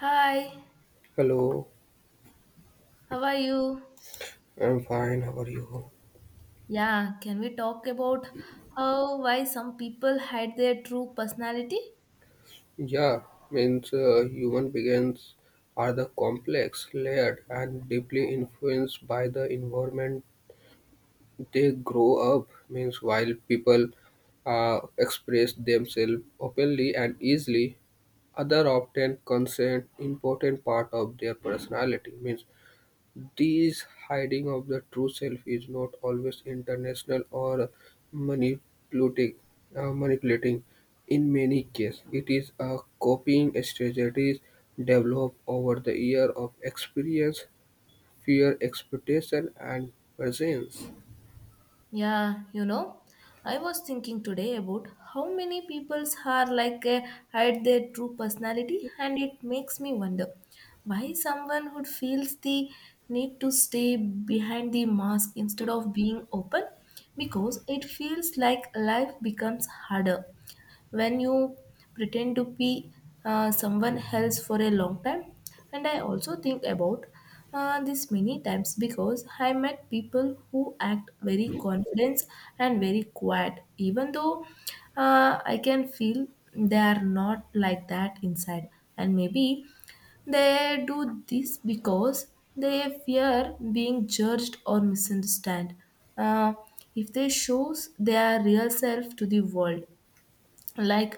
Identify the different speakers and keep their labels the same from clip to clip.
Speaker 1: Hi,
Speaker 2: Hello,
Speaker 1: how are you?
Speaker 2: I'm fine. How are you?
Speaker 1: Yeah, can we talk about how why some people hide their true personality?
Speaker 2: Yeah, means human beings are the complex, layered, and deeply influenced by the environment they grow up. Means while people express themselves openly and easily, other often consent important part of their personality. Means this hiding of the true self is not always intentional or manipulating. Manipulating. In many cases, it is a coping strategies developed over the year of experience, fear, expectation, and presence.
Speaker 1: Yeah, I was thinking today about how many peoples are like hide their true personality, and it makes me wonder why someone who feels the need to stay behind the mask instead of being open because it feels like life becomes harder when you pretend to be someone else for a long time, and I also think about this many times because I met people who act very confident and very quiet even though I can feel they are not like that inside. And maybe they do this because they fear being judged or misunderstood uh, if they shows their real self to the world, like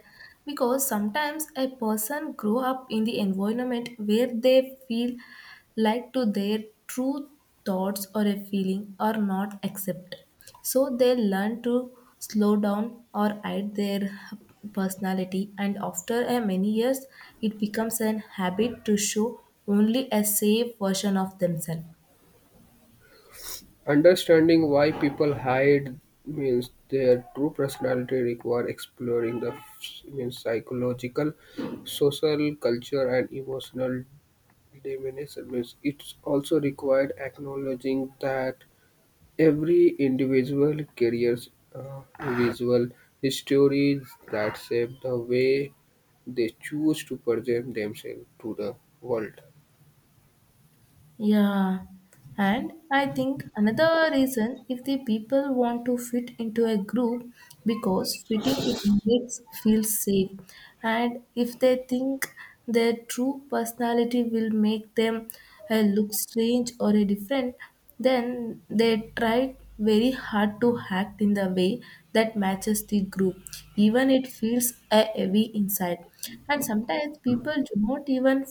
Speaker 1: because sometimes a person grow up in the environment where they feel like to their true thoughts or a feeling are not accepted, so they learn to slow down or hide their personality, and after a many years it becomes an habit to show only a safe version of themselves.
Speaker 2: Understanding why people hide means their true personality require exploring the means psychological, social, culture, and emotional diminishes. It's also required acknowledging that every individual carries visual histories that shape the way they choose to present themselves to the world.
Speaker 1: Yeah, and I think another reason if the people want to fit into a group because fitting it makes feel safe, and if they think their true personality will make them look strange or different, then they try very hard to act in the way that matches the group, even it feels heavy inside. And sometimes people do not even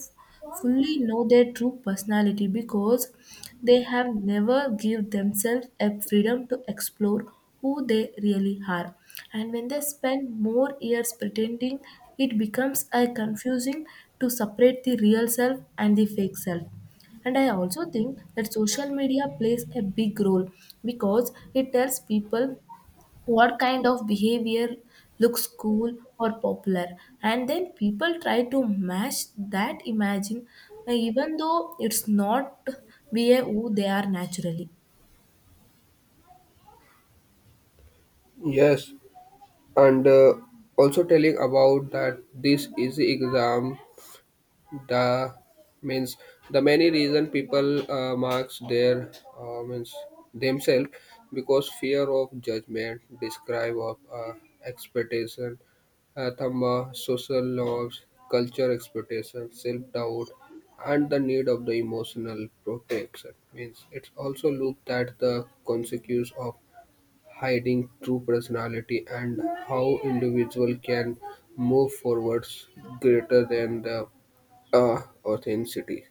Speaker 1: fully know their true personality because they have never give themselves a freedom to explore who they really are, and when they spend more years pretending it becomes a confusing to separate the real self and the fake self. And I also think that social media plays a big role because it tells people what kind of behavior looks cool or popular, and then people try to match that imagine, even though it's not behave who they are naturally.
Speaker 2: Yes, and also telling about that this is the exam the means the many reason people marks their means themselves because fear of judgment describe of expectation thamma, social norms culture expectation self-doubt and the need of the emotional protection means it's also looked at the consequence of hiding true personality and how individual can move forwards greater than the authenticity.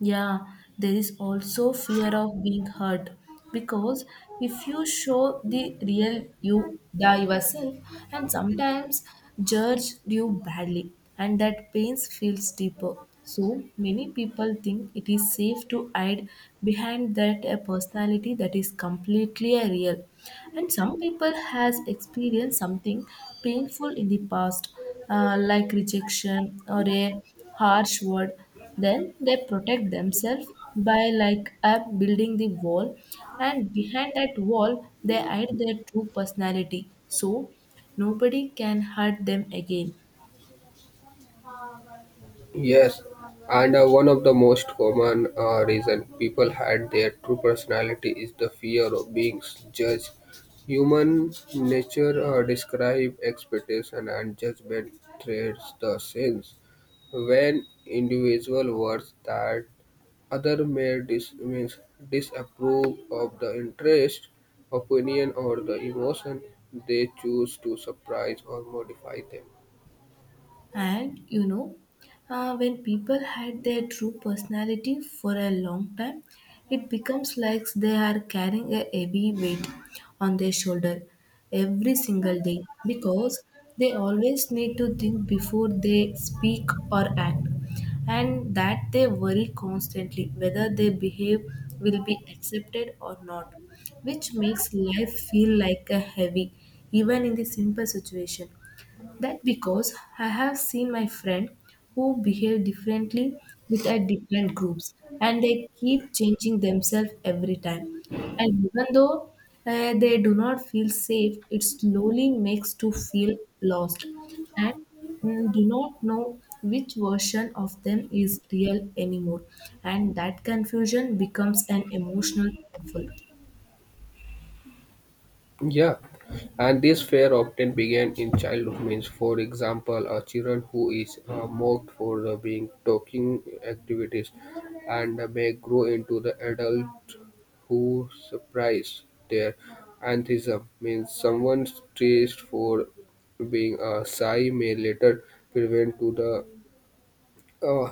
Speaker 1: Yeah, there is also fear of being hurt because if you show the real you, the yourself, and sometimes judge you badly, and that pain feels deeper. So many people think it is safe to hide behind that a personality that is completely a real. And some people has experienced something painful in the past, like rejection or a harsh word, then they protect themselves by like up building the wall, and behind that wall they hide their true personality so nobody can hurt them again.
Speaker 2: Yes, and one of the most common reason people hide their true personality is the fear of being judged. Human nature describe expectation and judgment threads the sense when individual words that other may means disapprove of the interest, opinion, or the emotion; they choose to suppress or modify them.
Speaker 1: And you know, when people hide their true personality for a long time, it becomes like they are carrying a heavy weight on their shoulder every single day because they always need to think before they speak or act, and that they worry constantly whether they behave will be accepted or not, which makes life feel like a heavy even in the simple situation that because I have seen my friend who behave differently with a different groups and they keep changing themselves every time. And even though they do not feel safe, it slowly makes to feel lost and do not know which version of them is real anymore. And that confusion becomes an emotional painful.
Speaker 2: Yeah, and this fear often began in childhood. Means, for example, a children who is mocked for the being talking activities, and may grow into the adult who surprise their atheism. Means, someone praised for being a shy may later prevent to the uh,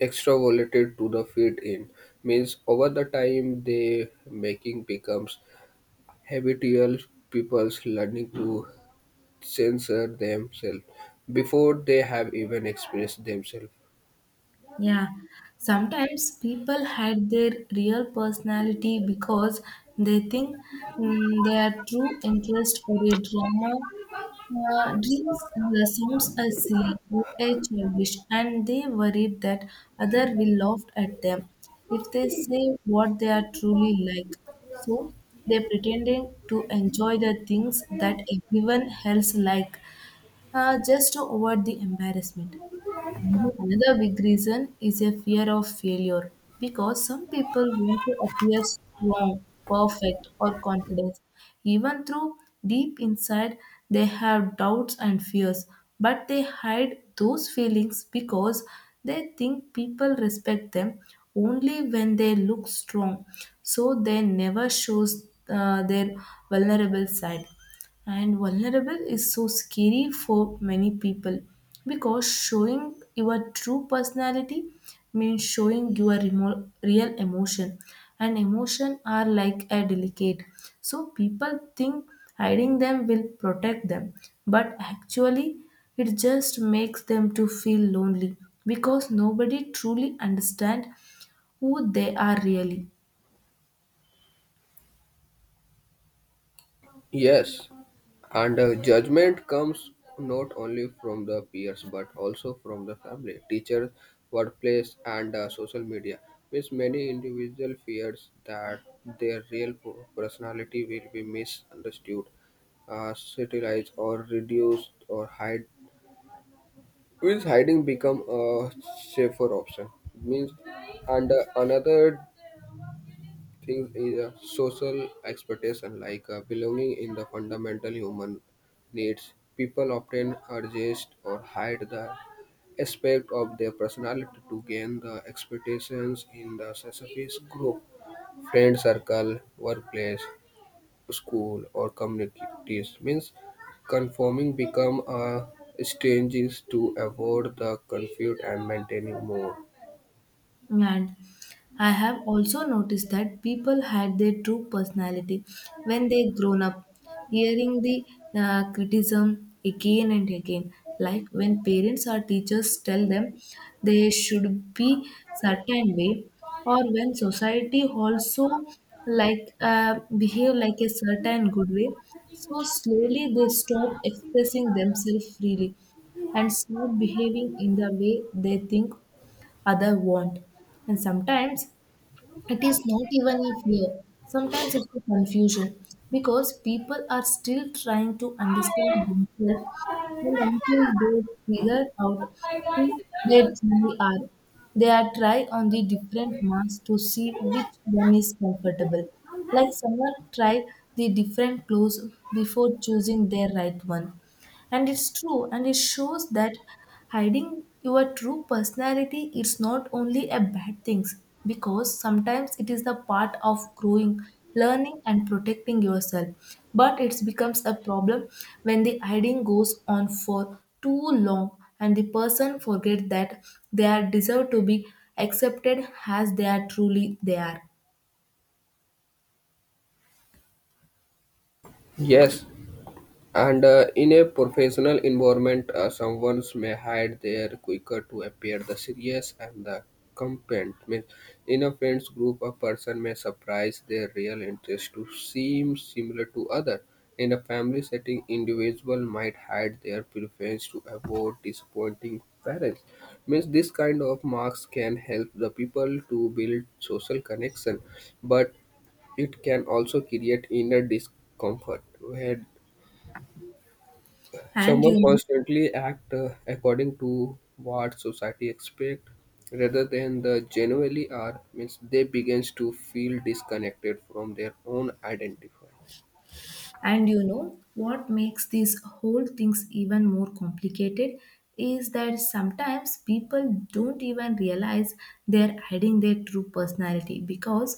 Speaker 2: extroverted to the fit in. Means, over the time, they making becomes habitual pupils learning to censor themselves before they have even expressed themselves.
Speaker 1: Yeah, sometimes people hide their real personality because they think, their true interest or a drama, dreams sounds as silly or a childish, and they worry that other will laugh at them if they say what they are truly like. So they pretending to enjoy the things that everyone else like, just to avoid the embarrassment. Another big reason is a fear of failure because some people want to appear strong, perfect, or confident. Even though deep inside they have doubts and fears, but they hide those feelings because they think people respect them only when they look strong. So they never shows their vulnerable side. And vulnerable is so scary for many people because showing your true personality means showing your real emotion, and emotion are like a delicate, so people think hiding them will protect them, but actually it just makes them to feel lonely because nobody truly understand who they are really.
Speaker 2: Yes, and judgment comes not only from the peers but also from the family, teachers, workplace, and social media. Means many individual fears that their real personality will be misunderstood, satirized, or reduced or hide will hiding become a safer option? Means, and another thing is a social expectation, like belonging in the fundamental human needs. People often adjust or hide the aspect of their personality to gain the expectations in the specific group, friend circle, workplace school, or communities, means conforming become a strategy to avoid the conflict and maintaining more.
Speaker 1: And I have also noticed that people hide their true personality when they grown up, hearing the criticism again and again. Like when parents or teachers tell them they should be certain way, or when society also like behave like a certain good way. So slowly they stop expressing themselves freely and start behaving in the way they think other want. And sometimes it is not even a fear, sometimes it's a confusion because people are still trying to understand themselves and until they figure out who they truly are. They are try on the different masks to see which one is comfortable. Like someone tried the different clothes before choosing their right one. And it's true, and it shows that hiding your true personality is not only a bad thing because sometimes it is the part of growing, learning, and protecting yourself. But it becomes a problem when the hiding goes on for too long and the person forgets that they are deserve to be accepted as they are truly they are.
Speaker 2: Yes, and in a professional environment, someone may hide their quicker to appear the serious and the competent. Means in a friends group, a person may surprise their real interest to seem similar to other. In a family setting, individual might hide their preference to avoid disappointing parents. Means this kind of marks can help the people to build social connection, but it can also create inner discomfort where
Speaker 1: And
Speaker 2: someone
Speaker 1: you
Speaker 2: constantly act according to what society expect rather than the genuinely are means they begins to feel disconnected from their own identify.
Speaker 1: and you know what makes these whole things even more complicated is that sometimes people don't even realize they're hiding their true personality because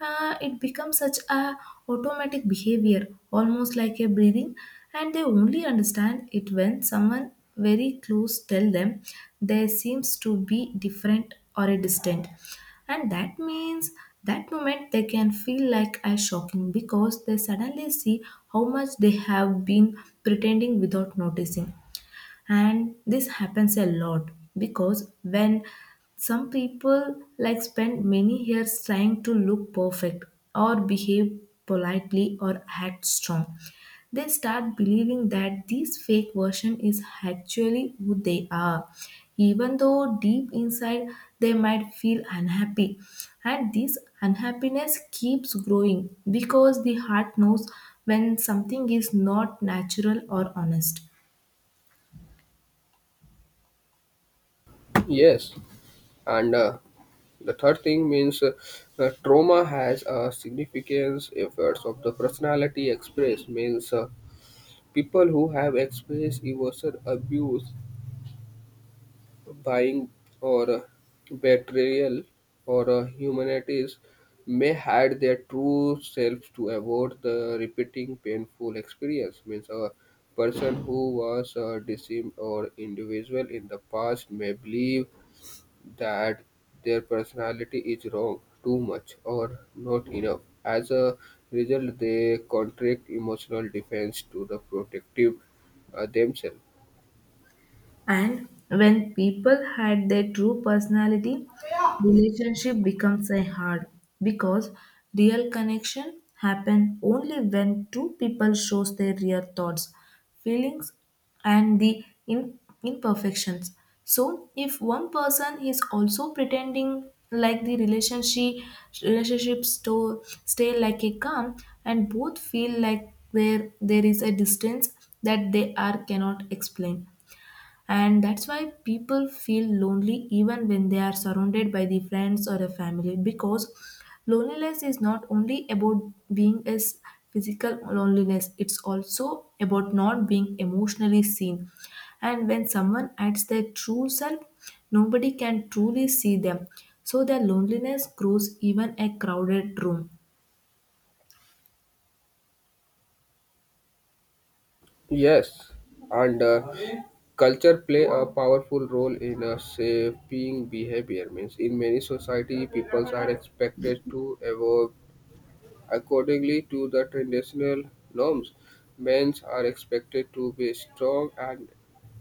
Speaker 1: it becomes such a automatic behavior almost like a breathing, and they only understand it when someone very close tell them they seems to be different or a distant, and that means that moment they can feel like as shocking because they suddenly see how much they have been pretending without noticing. And this happens a lot because when some people like spend many years trying to look perfect or behave politely or act strong, they start believing that this fake version is actually who they are, even though deep inside they might feel unhappy, and this unhappiness keeps growing because the heart knows when something is not natural or honest.
Speaker 2: Yes, and the third thing means trauma has a significance efforts of the personality express means people who have experienced emotional abuse buying or betrayal or humanities may hide their true selves to avoid the repeating painful experience means a person who was deceived or individual in the past may believe that their personality is wrong too much or not enough as a result they contract emotional defense to the protective themselves.
Speaker 1: And when people hide their true personality, relationship becomes a hard because real connection happen only when two people shows their real thoughts, feelings, and the imperfections. So if one person is also pretending like the relationship relationships to stay like a calm, and both feel like there is a distance that they are cannot explain, and that's why people feel lonely even when they are surrounded by the friends or a family because loneliness is not only about being as physical loneliness, it's also about not being emotionally seen, and when someone adds their true self nobody can truly see them, so their loneliness grows even a crowded room.
Speaker 2: Yes, and culture play a powerful role in shaping behavior. Means in many society, people are expected to evolve accordingly to the traditional norms, men are expected to be strong and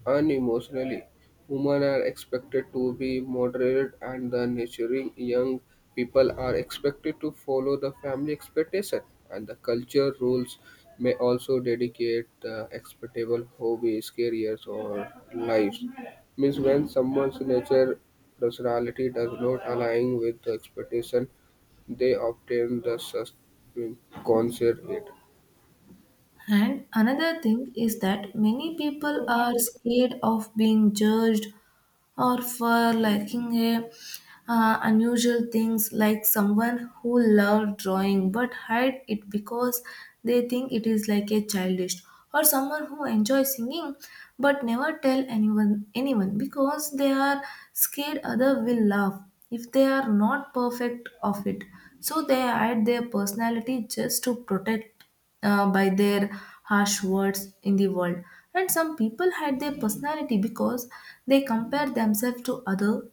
Speaker 2: unemotionally. Women are expected to be moderate and the nurturing young people are expected to follow the family expectation and the culture rules may also dedicate the expectable hobbies, careers or lives. Means when someone's nature personality does not align with the expectation they obtain the subconservate.
Speaker 1: And another thing is that many people are scared of being judged or for liking a unusual things, like someone who loved drawing but hide it because they think it is like a childish, or someone who enjoys singing but never tell anyone because they are scared other will laugh if they are not perfect of it, so they hide their personality just to protect by their harsh words in the world. And some people hide their personality because they compare themselves to other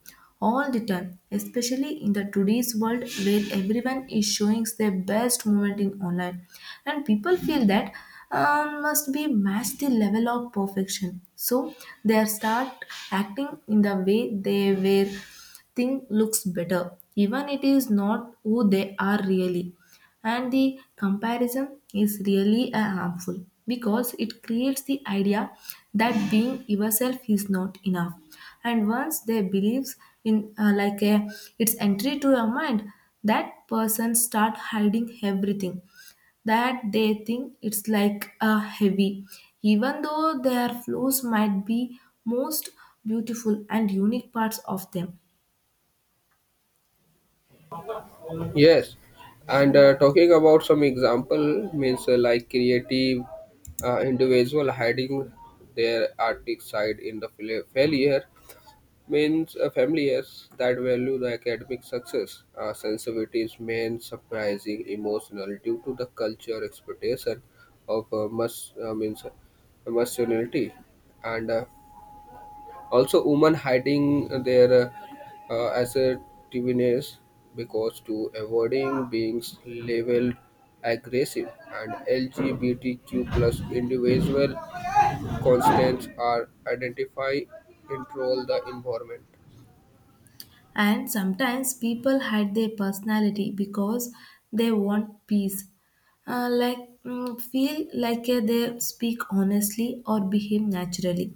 Speaker 1: all the time, especially in the today's world where everyone is showing their best moment in online. And people feel that must be matched the level of perfection. So they start acting in the way they were think looks better, even it is not who they are really, and the comparison is really harmful because it creates the idea that being yourself is not enough. And once they believes in, like a, its entry to your mind, that person start hiding everything that they think it's like a heavy, even though their flaws might be most beautiful and unique parts of them.
Speaker 2: Yes, and talking about some example means like creative individual hiding their artistic side in the failure means familiars that value the academic success. Sensitivities mean surprising emotional due to the culture expectation of must means masculinity and also women hiding their assertiveness because to avoiding being labeled aggressive and LGBTQ+ individual constants are identify control the environment.
Speaker 1: And sometimes people hide their personality because they want peace. Like, feel like they speak honestly or behave naturally,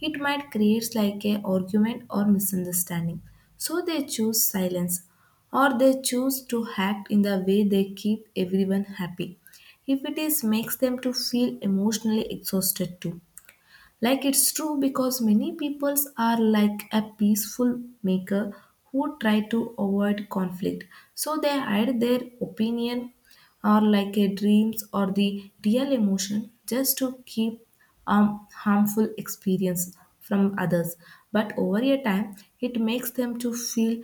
Speaker 1: it might create like a argument or misunderstanding. So they choose silence or they choose to act in the way they keep everyone happy if it is makes them to feel emotionally exhausted too, like it's true because many peoples are like a peaceful maker who try to avoid conflict. So they hide their opinion or like a dreams or the real emotion just to keep harmful experience from others. But over a time, it makes them to feel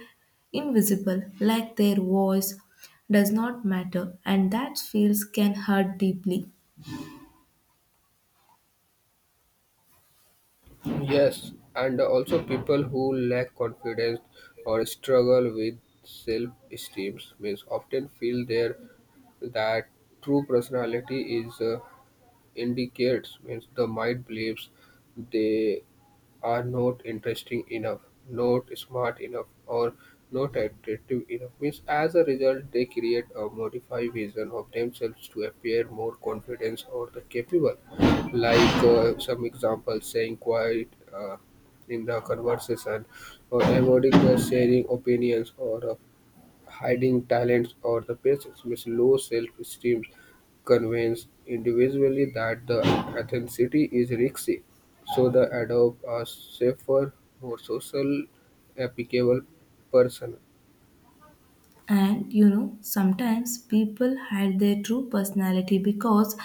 Speaker 1: invisible, like their voice does not matter, and that feels can hurt deeply.
Speaker 2: Yes, and also people who lack confidence or struggle with self-esteem means often feel there that true personality is indicates means the mind believes they are not interesting enough, not smart enough, or not attractive enough. Means as a result, they create a modified vision of themselves to appear more confident or the capable. Like some examples, saying quiet in the conversation, or avoiding the sharing opinions, or hiding talents or the patience means low self-esteem convince individually that the authenticity is risky, so they adopt a safer, more social, applicable person.
Speaker 1: And you know, sometimes people hide their true personality because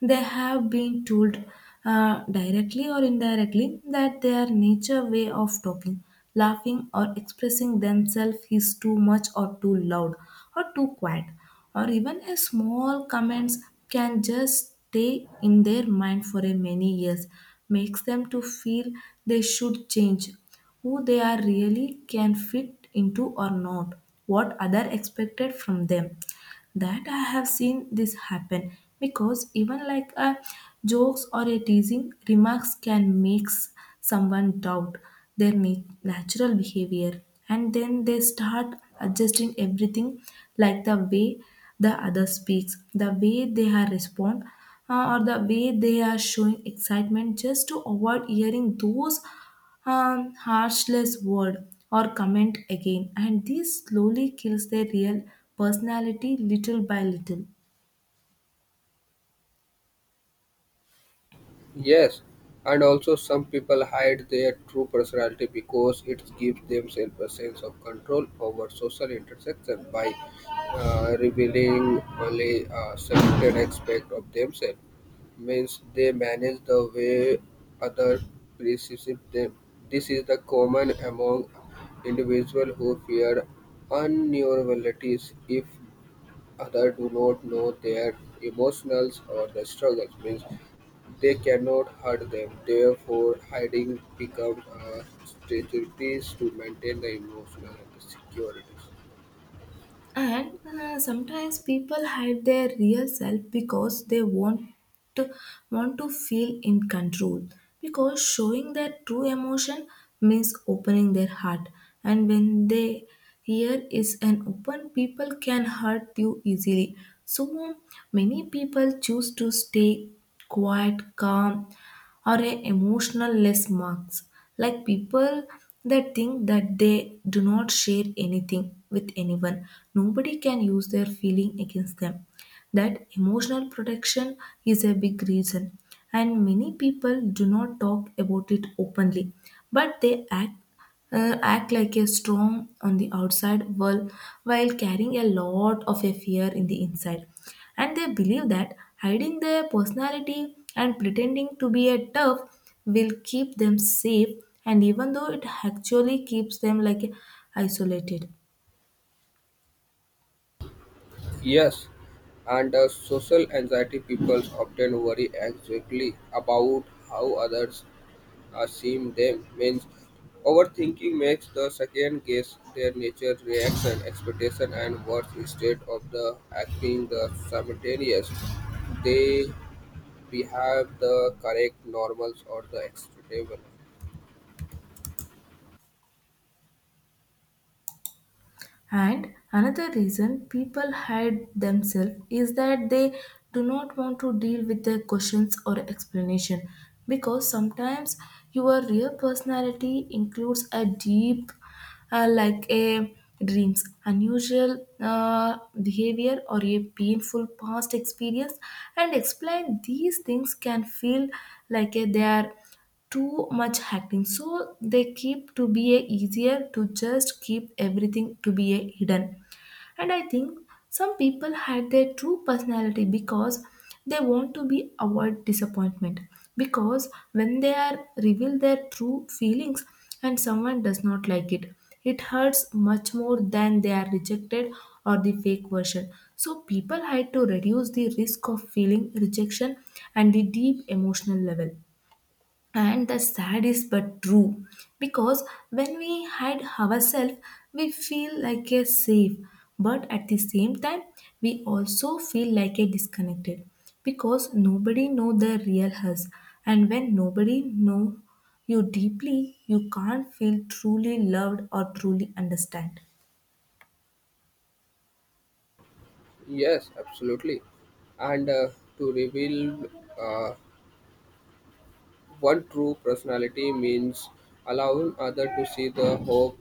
Speaker 1: they have been told directly or indirectly that their nature way of talking, laughing, or expressing themselves is too much or too loud or too quiet. Or even a small comments can just stay in their mind for a many years, makes them to feel they should change who they are really can fit into or not, what other expected from them. That I have seen this happen because even like a jokes or a teasing remarks can make someone doubt their natural behavior, and then they start adjusting everything, like the way the other speaks, the way they are respond, or the way they are showing excitement, just to avoid hearing those harmless word or comment again, and this slowly kills their real personality little by little.
Speaker 2: Yes, and also some people hide their true personality because it gives themselves a sense of control over social interaction by revealing only a certain aspect of themselves. Means they manage the way others perceive them. This is the common among individuals who fear unneurabilities if others do not know their emotions or the struggles, means they cannot hurt them. Therefore, hiding becomes a strategy to maintain the emotional securities.
Speaker 1: And sometimes people hide their real self because they to, want to feel in control. Because showing their true emotion means opening their heart, and when they here is an open, people can hurt you easily. So many people choose to stay quiet, calm, or a emotional less marks, like people that think that they do not share anything with anyone, nobody can use their feeling against them. That emotional protection is a big reason, and many people do not talk about it openly, but they act like a strong on the outside while carrying a lot of a fear in the inside, and they believe that hiding their personality and pretending to be a tough will keep them safe, and even though it actually keeps them like isolated.
Speaker 2: Yes, and the social anxiety people often worry anxiously about how others assume them means overthinking makes the second guess their nature, reaction, expectation, and worth instead of the acting the simultaneous. They behave the correct normals or the acceptable.
Speaker 1: And another reason people hide themselves is that they do not want to deal with their questions or explanation, because sometimes your real personality includes a deep like a dreams unusual behavior or a painful past experience, and explain these things can feel like a, they are too much hacking, so they keep to be a easier to just keep everything to be a hidden. And I think some people hide their true personality because they want to be avoid disappointment, because when they are reveal their true feelings and someone does not like it hurts much more than they are rejected or the fake version. So people hide to reduce the risk of feeling rejection and the deep emotional level, and the sad is but true, because when we hide ourselves we feel like a safe, but at the same time we also feel like a disconnected, because nobody know the real us, and when nobody know you deeply, you can't feel truly loved or truly understand.
Speaker 2: Yes, absolutely. And to reveal uh, one true personality means allowing other to see the hope,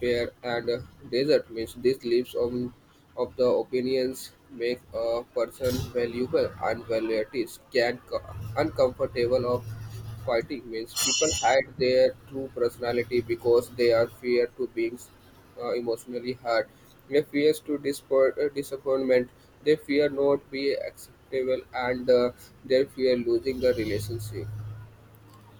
Speaker 2: fear, and desert means these leaves of the opinions make a person valuable and varieties can uncomfortable of fighting means people hide their true personality because they are fear to being emotionally hurt. They fear to disappoint, disappointment. They fear not be acceptable and they fear losing the relationship.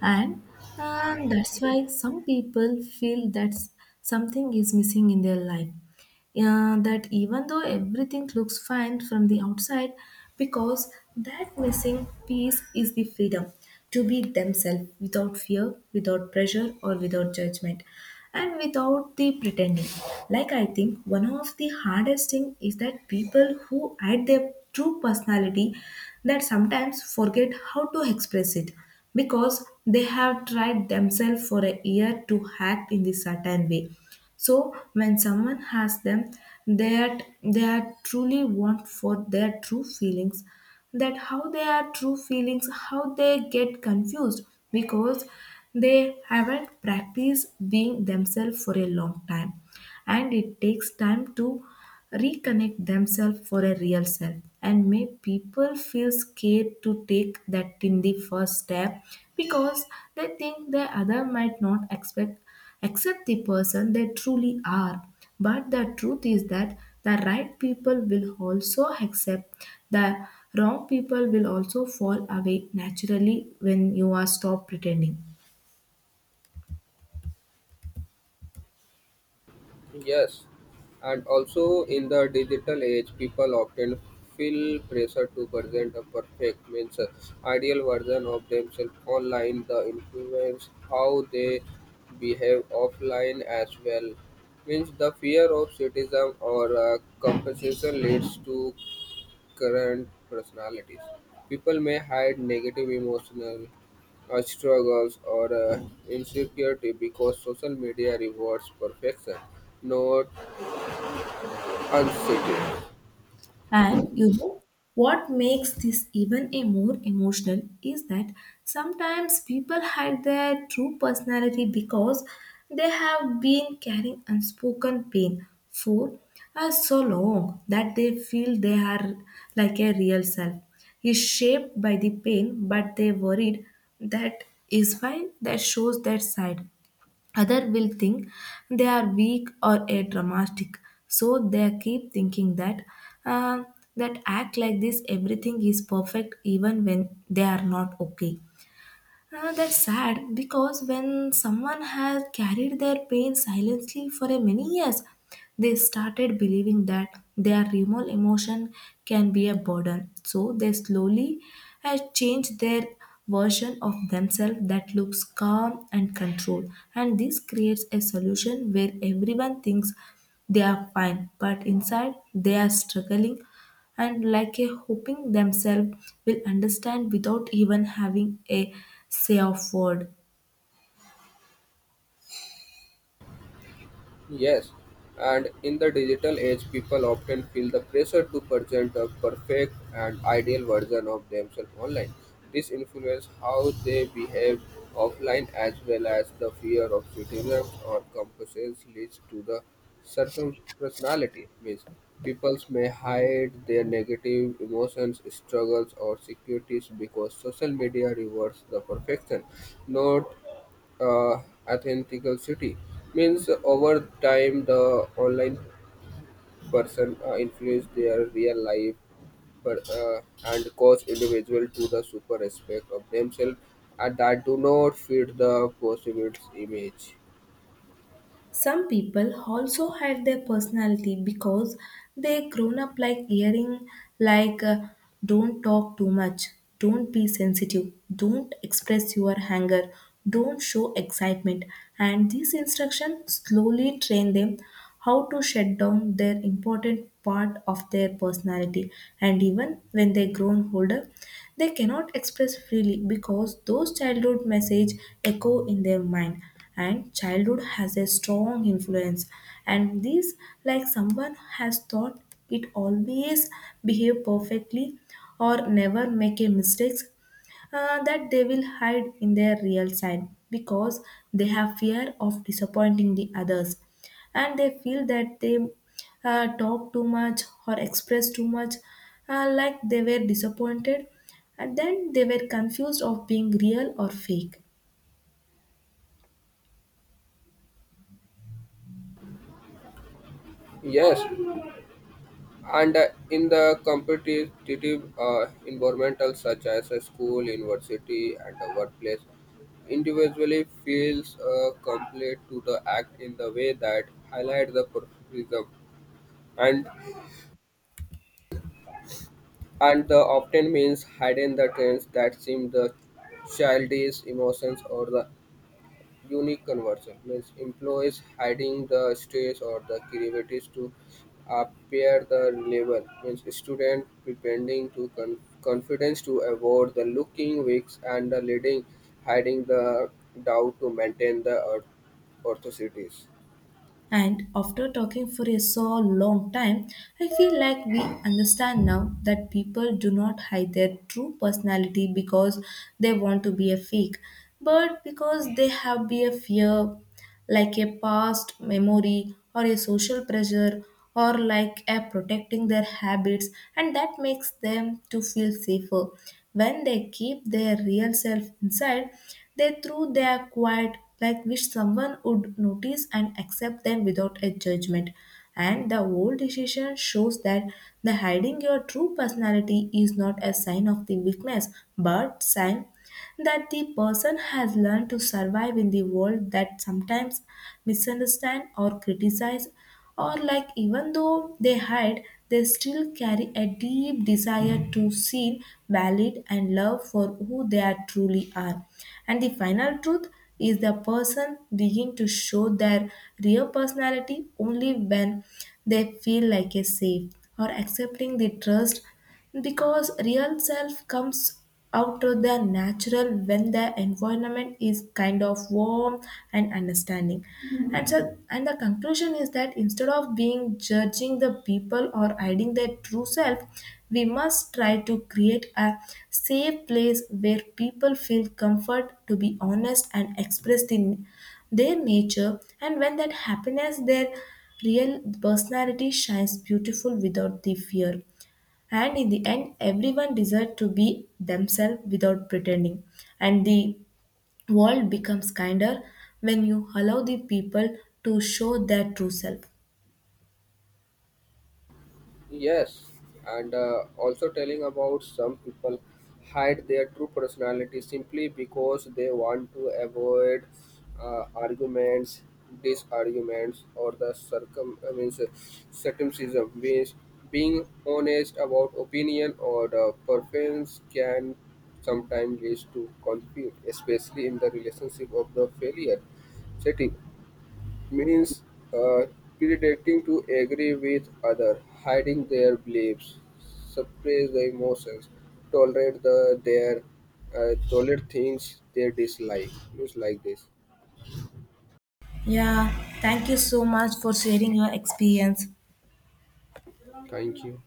Speaker 1: And that's why some people feel that something is missing in their life, yeah, that even though everything looks fine from the outside, because that missing piece is the freedom to be themselves without fear, without pressure, or without judgment, and without the pretending. Like, I think one of the hardest thing is that people who hide their true personality that sometimes forget how to express it, because they have tried themselves for a year to act in this certain way. So when someone has them that they are truly want for their true feelings, that how they are true feelings, how they get confused, because they haven't practiced being themselves for a long time, and it takes time to reconnect themselves for a real self. And may people feel scared to take that in the first step, because they think the other might not expect, accept the person they truly are. But the truth is that the right people will also accept, the wrong people will also fall away naturally when you are stop pretending.
Speaker 2: Yes, and also in the digital age, people often feel pressure to present a perfect, means ideal version of themselves online. The influence how they behave offline as well. Means the fear of criticism or compensation leads to current personalities: people may hide negative emotional struggles or insecurity because social media rewards perfection, not honesty.
Speaker 1: And you know what makes this even a more emotional is that sometimes people hide their true personality because they have been carrying unspoken pain for so long that they feel they are like a real self is shaped by the pain, but they worried that is why that shows their side. Other will think they are weak or a dramatic, so they keep thinking that uh, that act like this, everything is perfect even when they are not okay. That's sad because when someone has carried their pain silently for a many years, they started believing that their remote emotion can be a burden. So they slowly had changed their version of themselves that looks calm and controlled. And this creates a solution where everyone thinks they are fine, but inside they are struggling and like a hoping themselves will understand without even having a say of word.
Speaker 2: Yes, and in the digital age, people often feel the pressure to present a perfect and ideal version of themselves online. This influences how they behave offline as well as the fear of criticism or comparisons leads to the circum personality. Means people may hide their negative emotions, struggles, or securities because social media rewards the perfection, not uh, authentical city means over time the online person influence their real life per, uh, and cause individual to the super respect of themselves and that do not fit the perceived image.
Speaker 1: Some people also hide their personality because they grown up like hearing like don't talk too much, don't be sensitive, don't express your anger, don't show excitement, and these instructions slowly train them how to shut down their important part of their personality. And even when they grown older, they cannot express freely because those childhood message echo in their mind, and childhood has a strong influence. And this, like someone has thought it always behave perfectly or never make a mistakes, that they will hide in their real side because they have fear of disappointing the others, and they feel that they talk too much or express too much, like they were disappointed, and then they were confused of being real or fake.
Speaker 2: Yes and in the competitive environmental such as a school university and the workplace individually feels complete to the act in the way that highlight the professionalism and the often means hiding the trends that seem the childish emotions or the unique conversion means employees hiding the stress or the creativities to appear the level means student pretending to confidence to avoid the looking weak and the leading hiding the doubt to maintain the orthocities.
Speaker 1: And after talking for a so long time, I feel like we understand now that people do not hide their true personality because they want to be a fake, but because they have be a fear, like a past memory or a social pressure or like a protecting their habits, and that makes them to feel safer. When they keep their real self inside, they through their quiet like which someone would notice and accept them without a judgment. And the old decision shows that the hiding your true personality is not a sign of the weakness, but sign that the person has learned to survive in the world that sometimes misunderstand or criticize, or like even though they hide, they still carry a deep desire to seen valid and loved for who they are truly are. And the final truth is the person begin to show their real personality only when they feel like a safe or accepting the trust, because real self comes out of the natural when the environment is kind of warm and understanding. And so, and the conclusion is that instead of being judging the people or hiding their true self, we must try to create a safe place where people feel comfort to be honest and express the, their nature, and when that happiness their real personality shines beautiful without the fear. And in the end, everyone deserves to be themselves without pretending. And the world becomes kinder when you allow the people to show their true self.
Speaker 2: Yes, and also telling about some people hide their true personality simply because they want to avoid arguments, disarguments, or the circum I mean, circumcision. Means being honest about opinion or the preference can sometimes lead to conflict, especially in the relationship of the failure setting means uh, pretending to agree with other, hiding their beliefs, suppress the emotions, tolerate the their tolerate things they dislike. It's like this.
Speaker 1: Yeah, thank you so much for sharing your experience.
Speaker 2: Thank you.